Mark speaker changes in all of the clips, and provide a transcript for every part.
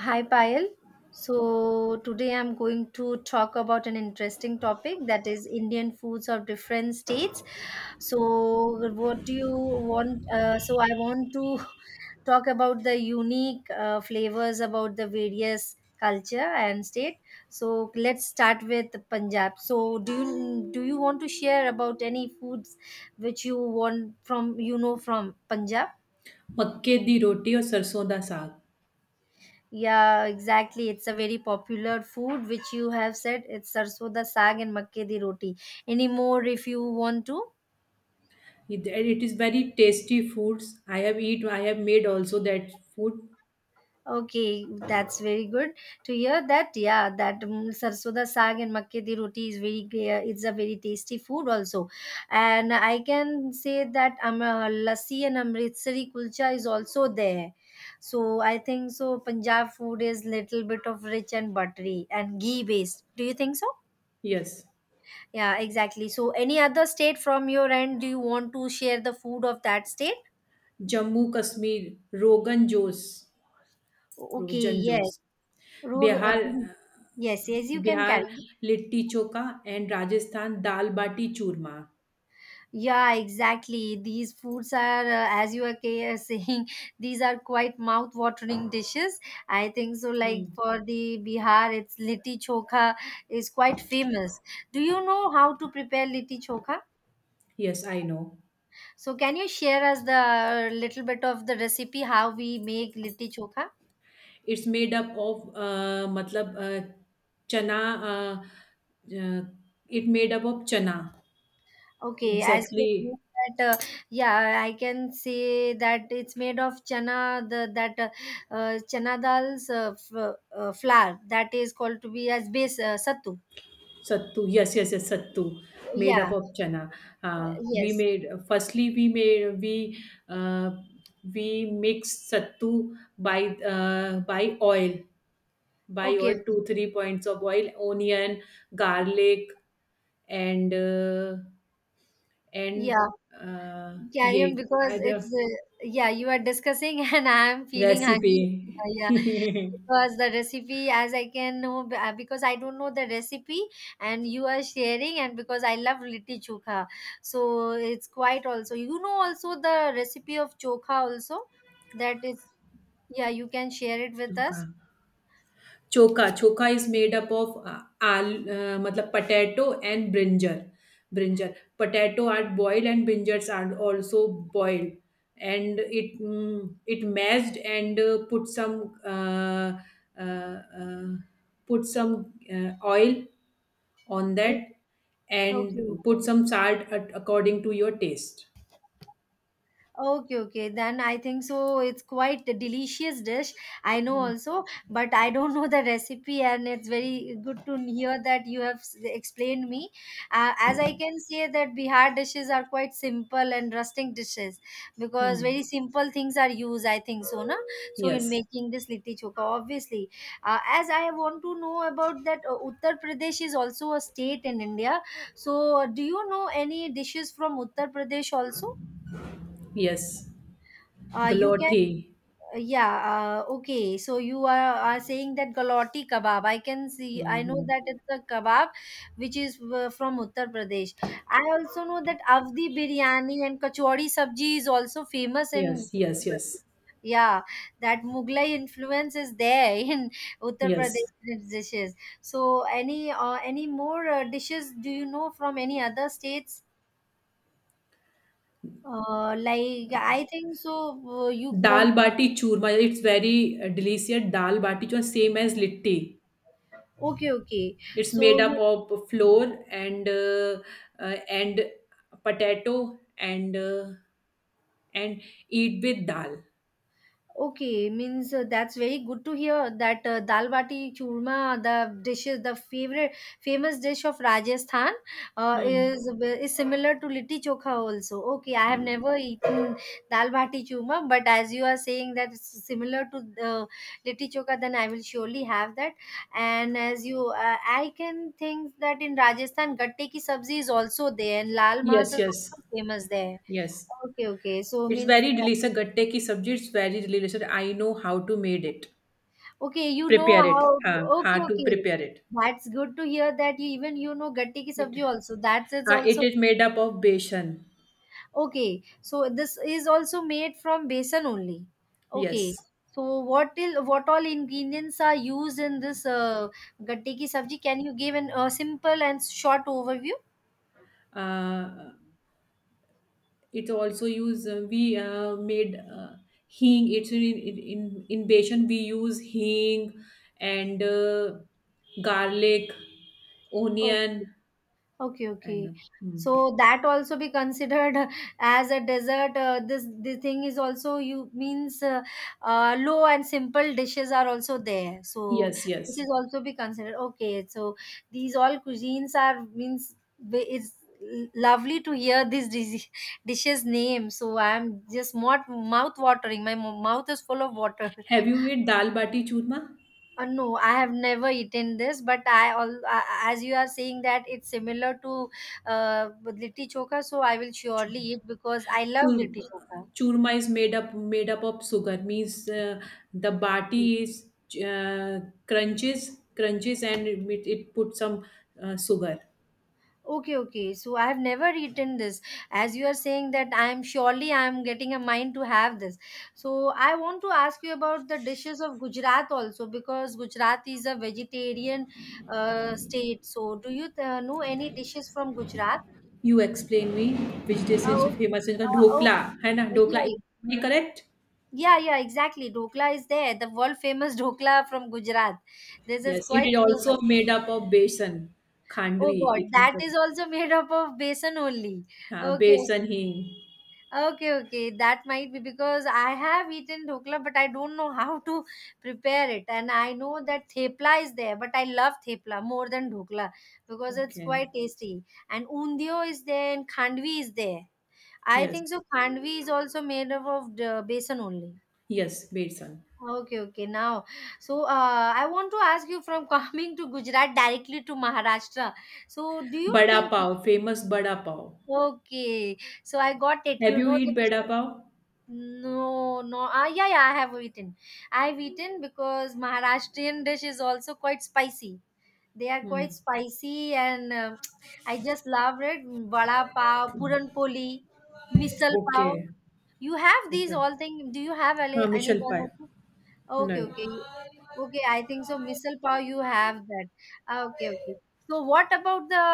Speaker 1: Hi Payal. So today I'm going to talk about an interesting topic that is Indian foods of different states. So what do you want? So I want to talk about the unique flavors about the various culture and state. So let's start with Punjab. So do you want to share about any foods which you want from you know from Punjab?
Speaker 2: मक्के दी roti or sarson da saag.
Speaker 1: Yeah, exactly. It's a very popular food, which you have said it's sarso da saag and makke di roti. Any more if you want to?
Speaker 2: It, and it is very tasty foods. I have eat. I have made also that food.
Speaker 1: Okay, that's very good to hear that. Yeah, that sarso da saag and makke di roti is very, it's a very tasty food also. And I can say that lassi and Amritsari kulcha is also there. So I think so Punjab food is little bit of rich and buttery and ghee based. Do you think so?
Speaker 2: Yes,
Speaker 1: Yeah, exactly. So, any other state from your end, do you want to share the food of that state?
Speaker 2: Jammu Kashmir Rogan Josh,
Speaker 1: Okay,
Speaker 2: Rogan
Speaker 1: yes.
Speaker 2: Josh,
Speaker 1: Rog- uh,
Speaker 2: Bihar.
Speaker 1: Rogan- Yes, yes, you can
Speaker 2: Bihar
Speaker 1: carry.
Speaker 2: litti choka and Rajasthan dal bati churma.
Speaker 1: Yeah, exactly. These foods are, as you are saying, these are quite mouth-watering dishes. I think so. Like
Speaker 2: Hmm.
Speaker 1: for the Bihar, it's litti chokha is quite famous. Do you know how to prepare litti chokha?
Speaker 2: Yes, I know.
Speaker 1: So, can you share us the little bit of the recipe how we make litti chokha?
Speaker 2: It's made up of matlab chana. Uh, uh, it made up of chana.
Speaker 1: Okay, as you know
Speaker 2: Exactly.
Speaker 1: that, yeah, I can say that it's made of chana, the that chana dal's flour that is called to be as base sattu.
Speaker 2: Sattu, yes, yes, yes, sattu, made
Speaker 1: Yeah,
Speaker 2: up of chana. We
Speaker 1: yes.
Speaker 2: made firstly we made we uh, we mixed sattu uh, by oil, by
Speaker 1: Okay,
Speaker 2: oil
Speaker 1: okay.
Speaker 2: 2 3 points of oil, onion, garlic, and uh, and
Speaker 1: Yeah, carry
Speaker 2: yeah,
Speaker 1: on because
Speaker 2: I
Speaker 1: it's yeah you are discussing and I am feeling
Speaker 2: recipe.
Speaker 1: hungry. Yeah. Because the recipe as I can know because I don't know the recipe, and you are sharing, and because I love litti chokha, so it's quite also also the recipe of chokha also, that is, yeah you can share it with
Speaker 2: Chuka.
Speaker 1: us.
Speaker 2: Choka. Choka is made up of al, matlab potato and brinjal. Brinjal. Potato are boiled and brinjals are also boiled. And it mashed and uh, uh, put some oil on that
Speaker 1: Okay,
Speaker 2: and put
Speaker 1: okay.
Speaker 2: some salt at, according to your taste.
Speaker 1: Okay, okay. Then I think so. It's quite a delicious dish. I know
Speaker 2: Mm.
Speaker 1: also, but I don't know the recipe, and it's very good to hear that you have explained me. As I can say that Bihar dishes are quite simple and rustic dishes because
Speaker 2: Hmm.
Speaker 1: very simple things are used. I think so, na. So in
Speaker 2: Yes.
Speaker 1: making this litti choka, obviously, as I want to know about that, Uttar Pradesh is also a state in India. So, do you know any dishes from Uttar Pradesh also?
Speaker 2: Yes.
Speaker 1: You can
Speaker 2: Galati.
Speaker 1: Yeah, okay. So you are saying that Galati kebab. I can see, I know
Speaker 2: Mhm.
Speaker 1: that it's a kebab which is from Uttar Pradesh. I also know that Avdi biryani and kachori sabji is also famous in
Speaker 2: Yes.
Speaker 1: Uttar
Speaker 2: Yes.
Speaker 1: Pradesh.
Speaker 2: Yes.
Speaker 1: Yeah, that Mughlai influence is there in Uttar
Speaker 2: Yes.
Speaker 1: Pradesh dishes. So any more dishes do you know from any other states? Like I think so. You want
Speaker 2: Dal bati churma, it's very delicious. Dal bati churma, same as litti.
Speaker 1: okay, okay.
Speaker 2: It's
Speaker 1: So
Speaker 2: made up
Speaker 1: you
Speaker 2: of flour and uh, and potato and and eat with dal.
Speaker 1: Okay, means that's very good to hear that dal bati churma, the dishes, the favorite famous dish of Rajasthan,
Speaker 2: Hmm.
Speaker 1: is similar to litti chokha also. Okay, I have never eaten dal bati churma, but as you are saying that it's similar to the litti chokha, then I will surely have that. And I can think that in Rajasthan, gatte ki sabzi is also there, and lal mas
Speaker 2: Yes,
Speaker 1: is
Speaker 2: yes,
Speaker 1: also famous there.
Speaker 2: yes.
Speaker 1: Okay, okay. So
Speaker 2: It's
Speaker 1: means
Speaker 2: very delicious. Gatte ki sabji, it's very delicious. I know how to made it.
Speaker 1: Okay, you know
Speaker 2: Prepare it.
Speaker 1: how.
Speaker 2: Huh,
Speaker 1: Okay,
Speaker 2: how to
Speaker 1: okay.
Speaker 2: prepare it.
Speaker 1: That's good to hear that you even you know gatte ki
Speaker 2: It,
Speaker 1: sabji also. That's it's
Speaker 2: it
Speaker 1: also
Speaker 2: is made up of besan.
Speaker 1: okay. So this is also made from besan only. Okay.
Speaker 2: Yes.
Speaker 1: So what all ingredients are used in this gatte ki sabji? Can you give an a simple and short overview?
Speaker 2: Uh, it's also use we made hing. It's in Baishan we use hing and garlic, onion
Speaker 1: Okay, okay.
Speaker 2: and mm.
Speaker 1: So that also be considered as a dessert. This the thing is also you means low and simple dishes are also there. So
Speaker 2: Yes,
Speaker 1: this is
Speaker 2: yes.
Speaker 1: also be considered. Okay, so these all cuisines are means it's lovely to hear these dishes name. So I'm just mouth watering. My mouth is full of water.
Speaker 2: Have you eat dal bati churma?
Speaker 1: No, I have never eaten this, but I all as you are saying that it's similar to litti chokha, so I will surely
Speaker 2: churma
Speaker 1: eat because I love litti
Speaker 2: Chur-
Speaker 1: chokha.
Speaker 2: Churma is made up of sugar means the bati
Speaker 1: Okay.
Speaker 2: is uh, crunches and it put some sugar.
Speaker 1: Okay, okay. So I have never eaten this. As you are saying that I am surely I am getting a mind to have this. So I want to ask you about the dishes of Gujarat also because Gujarat is a vegetarian state. So do you know any dishes from Gujarat?
Speaker 2: You explain me which dish is
Speaker 1: Oh,
Speaker 2: famous in the
Speaker 1: oh,
Speaker 2: dhokla, है ना?
Speaker 1: yeah,
Speaker 2: Dhokla,
Speaker 1: yeah.
Speaker 2: is it correct?
Speaker 1: Yeah, yeah, exactly. Dokla is there. The world famous Dokla from Gujarat. This is
Speaker 2: Yes, it
Speaker 1: quite
Speaker 2: is
Speaker 1: famous.
Speaker 2: also made up of besan,
Speaker 1: Oh
Speaker 2: khandvi.
Speaker 1: God,
Speaker 2: It's made
Speaker 1: that
Speaker 2: up,
Speaker 1: is also made up of besan only.
Speaker 2: yeah,
Speaker 1: Okay,
Speaker 2: besan
Speaker 1: okay.
Speaker 2: hing.
Speaker 1: Okay, okay. That might be because I have eaten dhokla, but I don't know how to prepare it. And I know that Thepla is there, but I love Thepla more than dhokla because it's
Speaker 2: Okay.
Speaker 1: quite tasty. And Undio is there and Khandvi is there. I
Speaker 2: Yes,
Speaker 1: think so. Khandvi is also made up of besan only.
Speaker 2: yes, besan.
Speaker 1: Okay, okay. Now, so I want to ask you from coming to Gujarat directly to Maharashtra. So, do you
Speaker 2: Bada
Speaker 1: think?
Speaker 2: pav, famous bada pav.
Speaker 1: Okay, so I got it.
Speaker 2: Have
Speaker 1: You
Speaker 2: you
Speaker 1: know the
Speaker 2: eat bada
Speaker 1: dishes.
Speaker 2: pav?
Speaker 1: No, no. Ah, yeah, yeah. I have eaten. I've eaten because Maharashtrian dish is also quite spicy. They are
Speaker 2: Hmm.
Speaker 1: quite spicy, and I just love it. Vada pav, puran poli, misal pav.
Speaker 2: Okay,
Speaker 1: You have these
Speaker 2: okay.
Speaker 1: all things. Do you have
Speaker 2: हाँ
Speaker 1: any
Speaker 2: मिसल
Speaker 1: one
Speaker 2: पाए
Speaker 1: of them? Okay,
Speaker 2: नहीं.
Speaker 1: okay. Okay, I think so. Missile power, you have that. Ah, okay, okay. So, what about the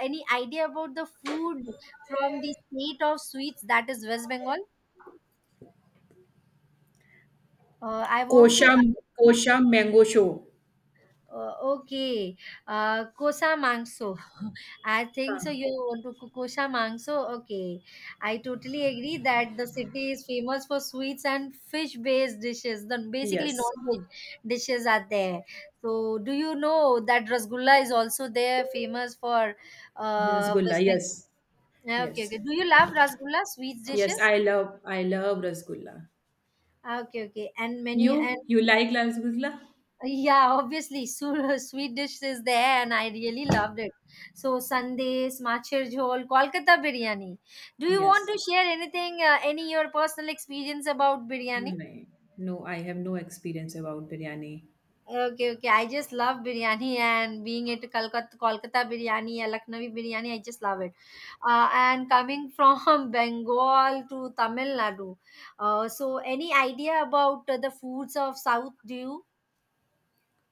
Speaker 1: any idea about the food from the state of sweets that is West Bengal? I want to.
Speaker 2: Kosha kosha mangsho.
Speaker 1: Okay, kosa mangso. I think so. You
Speaker 2: हाँ.
Speaker 1: want to Kukosha Mangso? Okay. I totally agree that the city is famous for sweets and fish based dishes. Then basically,
Speaker 2: yes.
Speaker 1: non veg dishes are there. So, do you know that Rasgulla is also there, famous for
Speaker 2: rasgulla
Speaker 1: West
Speaker 2: yes
Speaker 1: Bengal?
Speaker 2: Yes.
Speaker 1: Okay, okay. Do you love Rasgulla, sweets
Speaker 2: Yes,
Speaker 1: dishes?
Speaker 2: I love rasgulla.
Speaker 1: Ah, okay, okay. And
Speaker 2: You
Speaker 1: many
Speaker 2: you like rasgulla?
Speaker 1: Yeah, obviously, sweet dish is there, and I really loved it. So, sandesh, machher jhol, Kolkata biryani. Do you want
Speaker 2: Yes.
Speaker 1: to share anything, any your personal experience about biryani?
Speaker 2: No, no, I have no experience about biryani.
Speaker 1: Okay, okay. I just love biryani, and being at Kolkata, Kolkata biryani, Lucknowi biryani, I just love it. And coming from Bengal to Tamil Nadu, so any idea about the foods of South? Do you?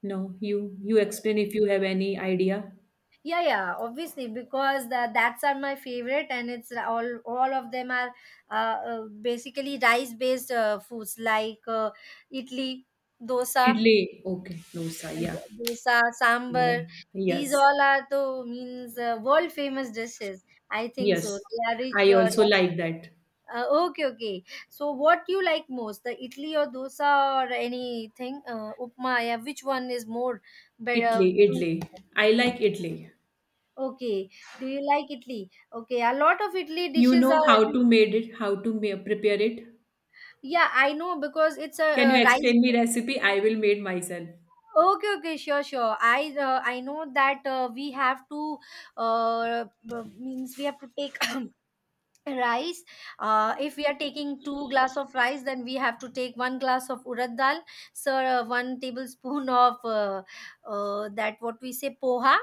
Speaker 2: No, you explain if you have any idea.
Speaker 1: Yeah, yeah, obviously because that's are my favorite, and it's all of them are uh, basically rice based foods like idli, dosa,
Speaker 2: Idli. Okay, dosa. Yeah.
Speaker 1: yeah, dosa, sambar.
Speaker 2: Yeah.
Speaker 1: These
Speaker 2: Yes.
Speaker 1: all are the means world famous dishes. I think so
Speaker 2: Yes.
Speaker 1: they are rich,
Speaker 2: I
Speaker 1: but
Speaker 2: also like that.
Speaker 1: okay, okay. So what you like most, the idli or dosa or anything, upma, yeah, which one is more better?
Speaker 2: Idli. I like idli.
Speaker 1: Okay. Do you like Italy? Okay. A lot of Italy
Speaker 2: You
Speaker 1: dishes
Speaker 2: know
Speaker 1: are.
Speaker 2: how to made it, how to ma- prepare it?
Speaker 1: Yeah, I know because it's a
Speaker 2: Can you
Speaker 1: rice.
Speaker 2: explain me recipe? I will made myself.
Speaker 1: Okay, okay, sure, sure. I know that we have to means we have to take rice. If we are taking two glass of rice, then we have to take one glass of urad dal. So one tablespoon of that what we say poha,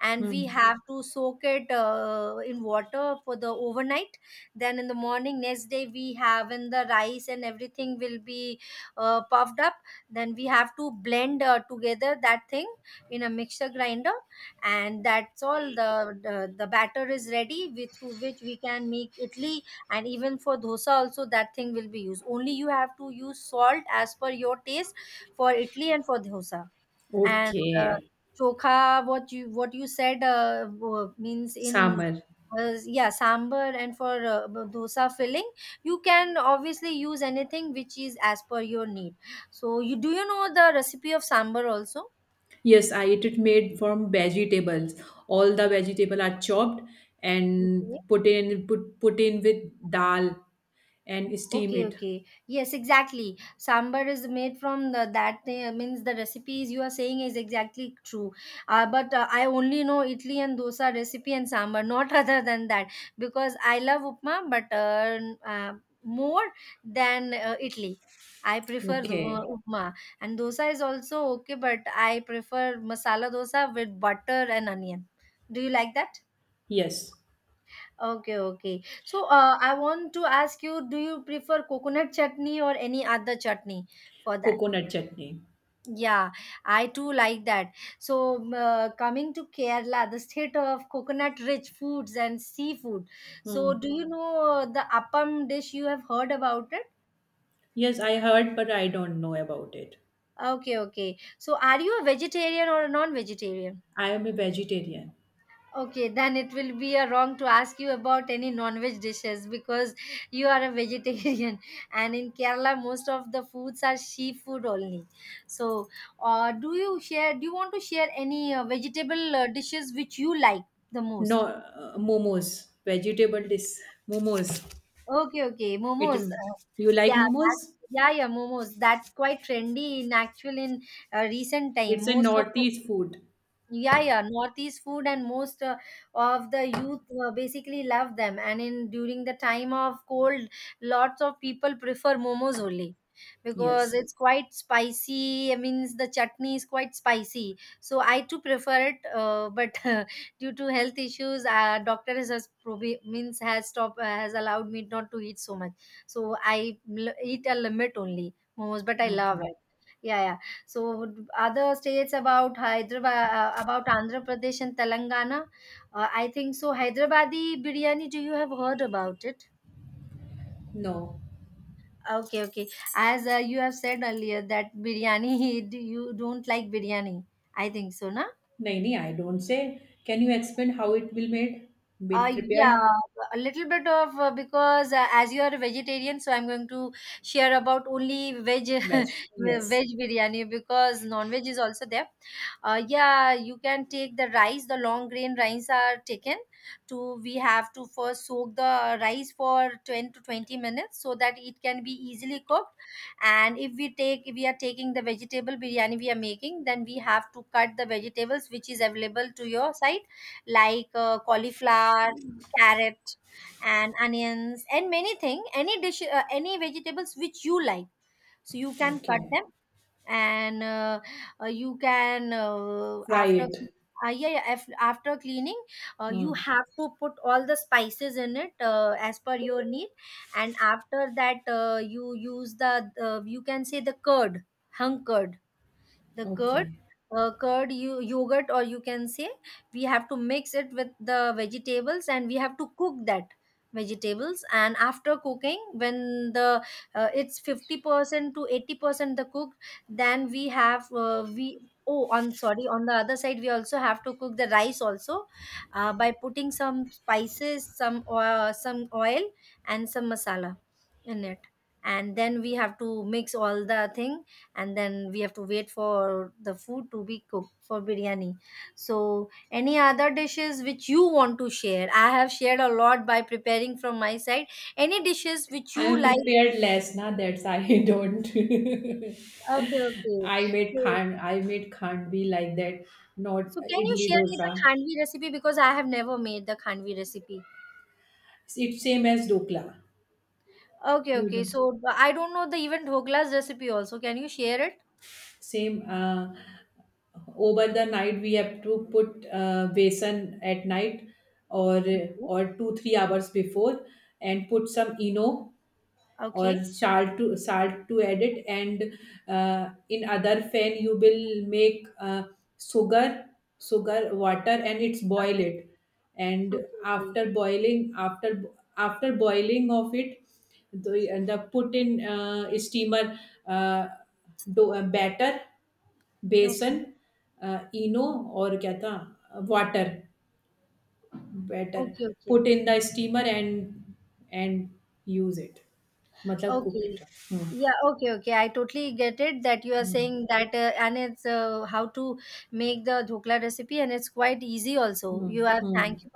Speaker 1: and we
Speaker 2: Hmm.
Speaker 1: have to soak it in water for the overnight. Then in the morning next day we have in the rice and everything will be puffed up. Then we have to blend together that thing in a mixer grinder, and that's all the batter is ready with, through which we can make idli. And even for dosa also that thing will be used, only you have to use salt as per your taste for idli and for dosa. And uh,
Speaker 2: Okay.
Speaker 1: chokha, what you said, means in,
Speaker 2: Sambar.
Speaker 1: yeah sambar, and for dosa filling you can obviously use anything which is as per your need. So you do you know the recipe of sambar also.
Speaker 2: Yes, I eat it made from vegetables. All the vegetable are chopped
Speaker 1: Okay.
Speaker 2: and put in with dal and steam
Speaker 1: Okay,
Speaker 2: it.
Speaker 1: okay. Yes, exactly. Sambar is made from that thing, means the recipes you are saying is exactly true. But I only know Italy and dosa recipe and sambar, not other than that, because I love upma, but more than Italy. I prefer the
Speaker 2: Okay.
Speaker 1: upma, and dosa is also okay, but I prefer masala dosa with butter and onion. Do you like that?
Speaker 2: Yes.
Speaker 1: Okay, okay. So, I want to ask you, do you prefer coconut chutney or any other chutney for that?
Speaker 2: Coconut chutney.
Speaker 1: Yeah, I too like that. So, coming to Kerala, the state of coconut-rich foods and seafood. So,
Speaker 2: Hmm.
Speaker 1: do you know the appam dish? You have heard about it?
Speaker 2: Yes, I heard, but I don't know about it.
Speaker 1: Okay, okay. So, are you a vegetarian or a non-vegetarian?
Speaker 2: I am a vegetarian.
Speaker 1: Okay, then it will be a wrong to ask you about any non-veg dishes because you are a vegetarian, and in Kerala most of the foods are seafood only. So, do you share? Do you want to share any vegetable dishes which you like the
Speaker 2: No,
Speaker 1: most?
Speaker 2: Momos. Vegetable dish. Momos.
Speaker 1: Okay, okay, momos.
Speaker 2: It. You like
Speaker 1: Yeah,
Speaker 2: momos?
Speaker 1: that, yeah, yeah, momos. That's quite trendy in actual in recent time.
Speaker 2: It's a
Speaker 1: Most of
Speaker 2: northeast food.
Speaker 1: yeah, yeah, northeast food and most of the youth basically love them and in during the time of cold lots of people prefer momos only because
Speaker 2: Yes.
Speaker 1: it's quite spicy, I means the chutney is quite spicy, so I too prefer it, but due to health issues doctor has means has stopped has allowed me not to eat so much. So I eat a limit only momos, but I love
Speaker 2: Okay.
Speaker 1: it. Yeah, yeah. So other states about Hyderabad, about Andhra Pradesh and Telangana, I think so. Hyderabadi biryani, do you have heard about it?
Speaker 2: No.
Speaker 1: Okay, okay. As you have said earlier that biryani, do you don't like biryani. I think so, na?
Speaker 2: नहीं, नहीं, I don't say. Can you explain how it will made?
Speaker 1: Uh,
Speaker 2: Made
Speaker 1: yeah,
Speaker 2: prepared
Speaker 1: a little bit of because as you are a vegetarian, so I'm going to share about only veg
Speaker 2: veg. Yes.
Speaker 1: veg biryani, because non-veg is also there. Yeah, you can take the rice. The long grain rice are taken. To we have to first soak the rice for 10 to 20 minutes so that it can be easily cooked. And if we take, if we are taking the vegetable biryani we are making, then we have to cut the vegetables which is available to your side like cauliflower, carrot, and onions, and many thing, any dish, any vegetables which you like. So you can cut
Speaker 2: Okay.
Speaker 1: them, and you can
Speaker 2: Fry
Speaker 1: after
Speaker 2: it.
Speaker 1: yeah, yeah af- after cleaning, you
Speaker 2: Hmm.
Speaker 1: have to put all the spices in it as per your need, and after that, you use the you can say the curd, hung curd the curd
Speaker 2: Okay.
Speaker 1: curd you yogurt, or you can say we have to mix it with the vegetables, and we have to cook that vegetables. And after cooking, when the it's 50% to 80% the cooked, then we oh on, sorry, on the other side we also have to cook the rice also by putting some spices, some oil, and some masala in it, and then we have to mix all the thing, and then we have to wait for the food to be cooked for biryani. So any other dishes which you want to share? I have shared a lot by preparing from my side. Any dishes which you
Speaker 2: I'm a
Speaker 1: like?
Speaker 2: prepared less, na that's I don't.
Speaker 1: Okay, okay. So,
Speaker 2: I made khandvi like that, not
Speaker 1: so can you
Speaker 2: idli
Speaker 1: share me the
Speaker 2: dosa.
Speaker 1: khandvi recipe, because I have never made the khandvi recipe.
Speaker 2: It's same as dokla.
Speaker 1: Okay,
Speaker 2: You
Speaker 1: okay.
Speaker 2: do.
Speaker 1: So, but I don't know the even dhoklas recipe also, can you share it?
Speaker 2: Same Over the night we have to put besan at night or
Speaker 1: Okay,
Speaker 2: or 2 3 hours before and put some eno or
Speaker 1: okay,
Speaker 2: salt to add it and in other fan you will make sugar sugar water and it's boil
Speaker 1: okay,
Speaker 2: it. And
Speaker 1: okay, okay,
Speaker 2: after boiling after after boiling of it the put in steamer, uh, batter. बेसन,
Speaker 1: okay,
Speaker 2: अ, इनो. और क्या था. Water. Batter.
Speaker 1: okay. Okay.
Speaker 2: Put in the steamer and and use it मतलब cook it.
Speaker 1: Okay.
Speaker 2: Hmm.
Speaker 1: Yeah, okay, okay. I totally get it that you are
Speaker 2: hmm.
Speaker 1: saying that, and it's how to make the dhokla recipe, and it's quite easy also. You have
Speaker 2: hmm.
Speaker 1: thank you,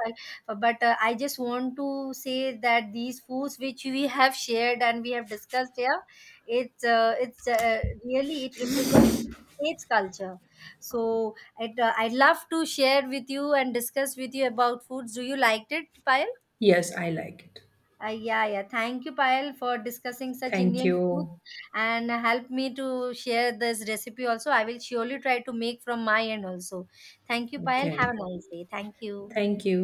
Speaker 1: for, but I just want to say that these foods which we have shared and we have discussed here, it's really it represents its culture. So it, I love to share with you and discuss with you about foods. Do you liked it, Payal?
Speaker 2: Yes I like it.
Speaker 1: Yeah, yeah. Thank you, Payal, for discussing such
Speaker 2: thank you.
Speaker 1: Indian food and help me to share this recipe also. I will surely try to make from my end also. Thank you, Payal.
Speaker 2: Okay.
Speaker 1: Have a nice day. Thank you.
Speaker 2: Thank you.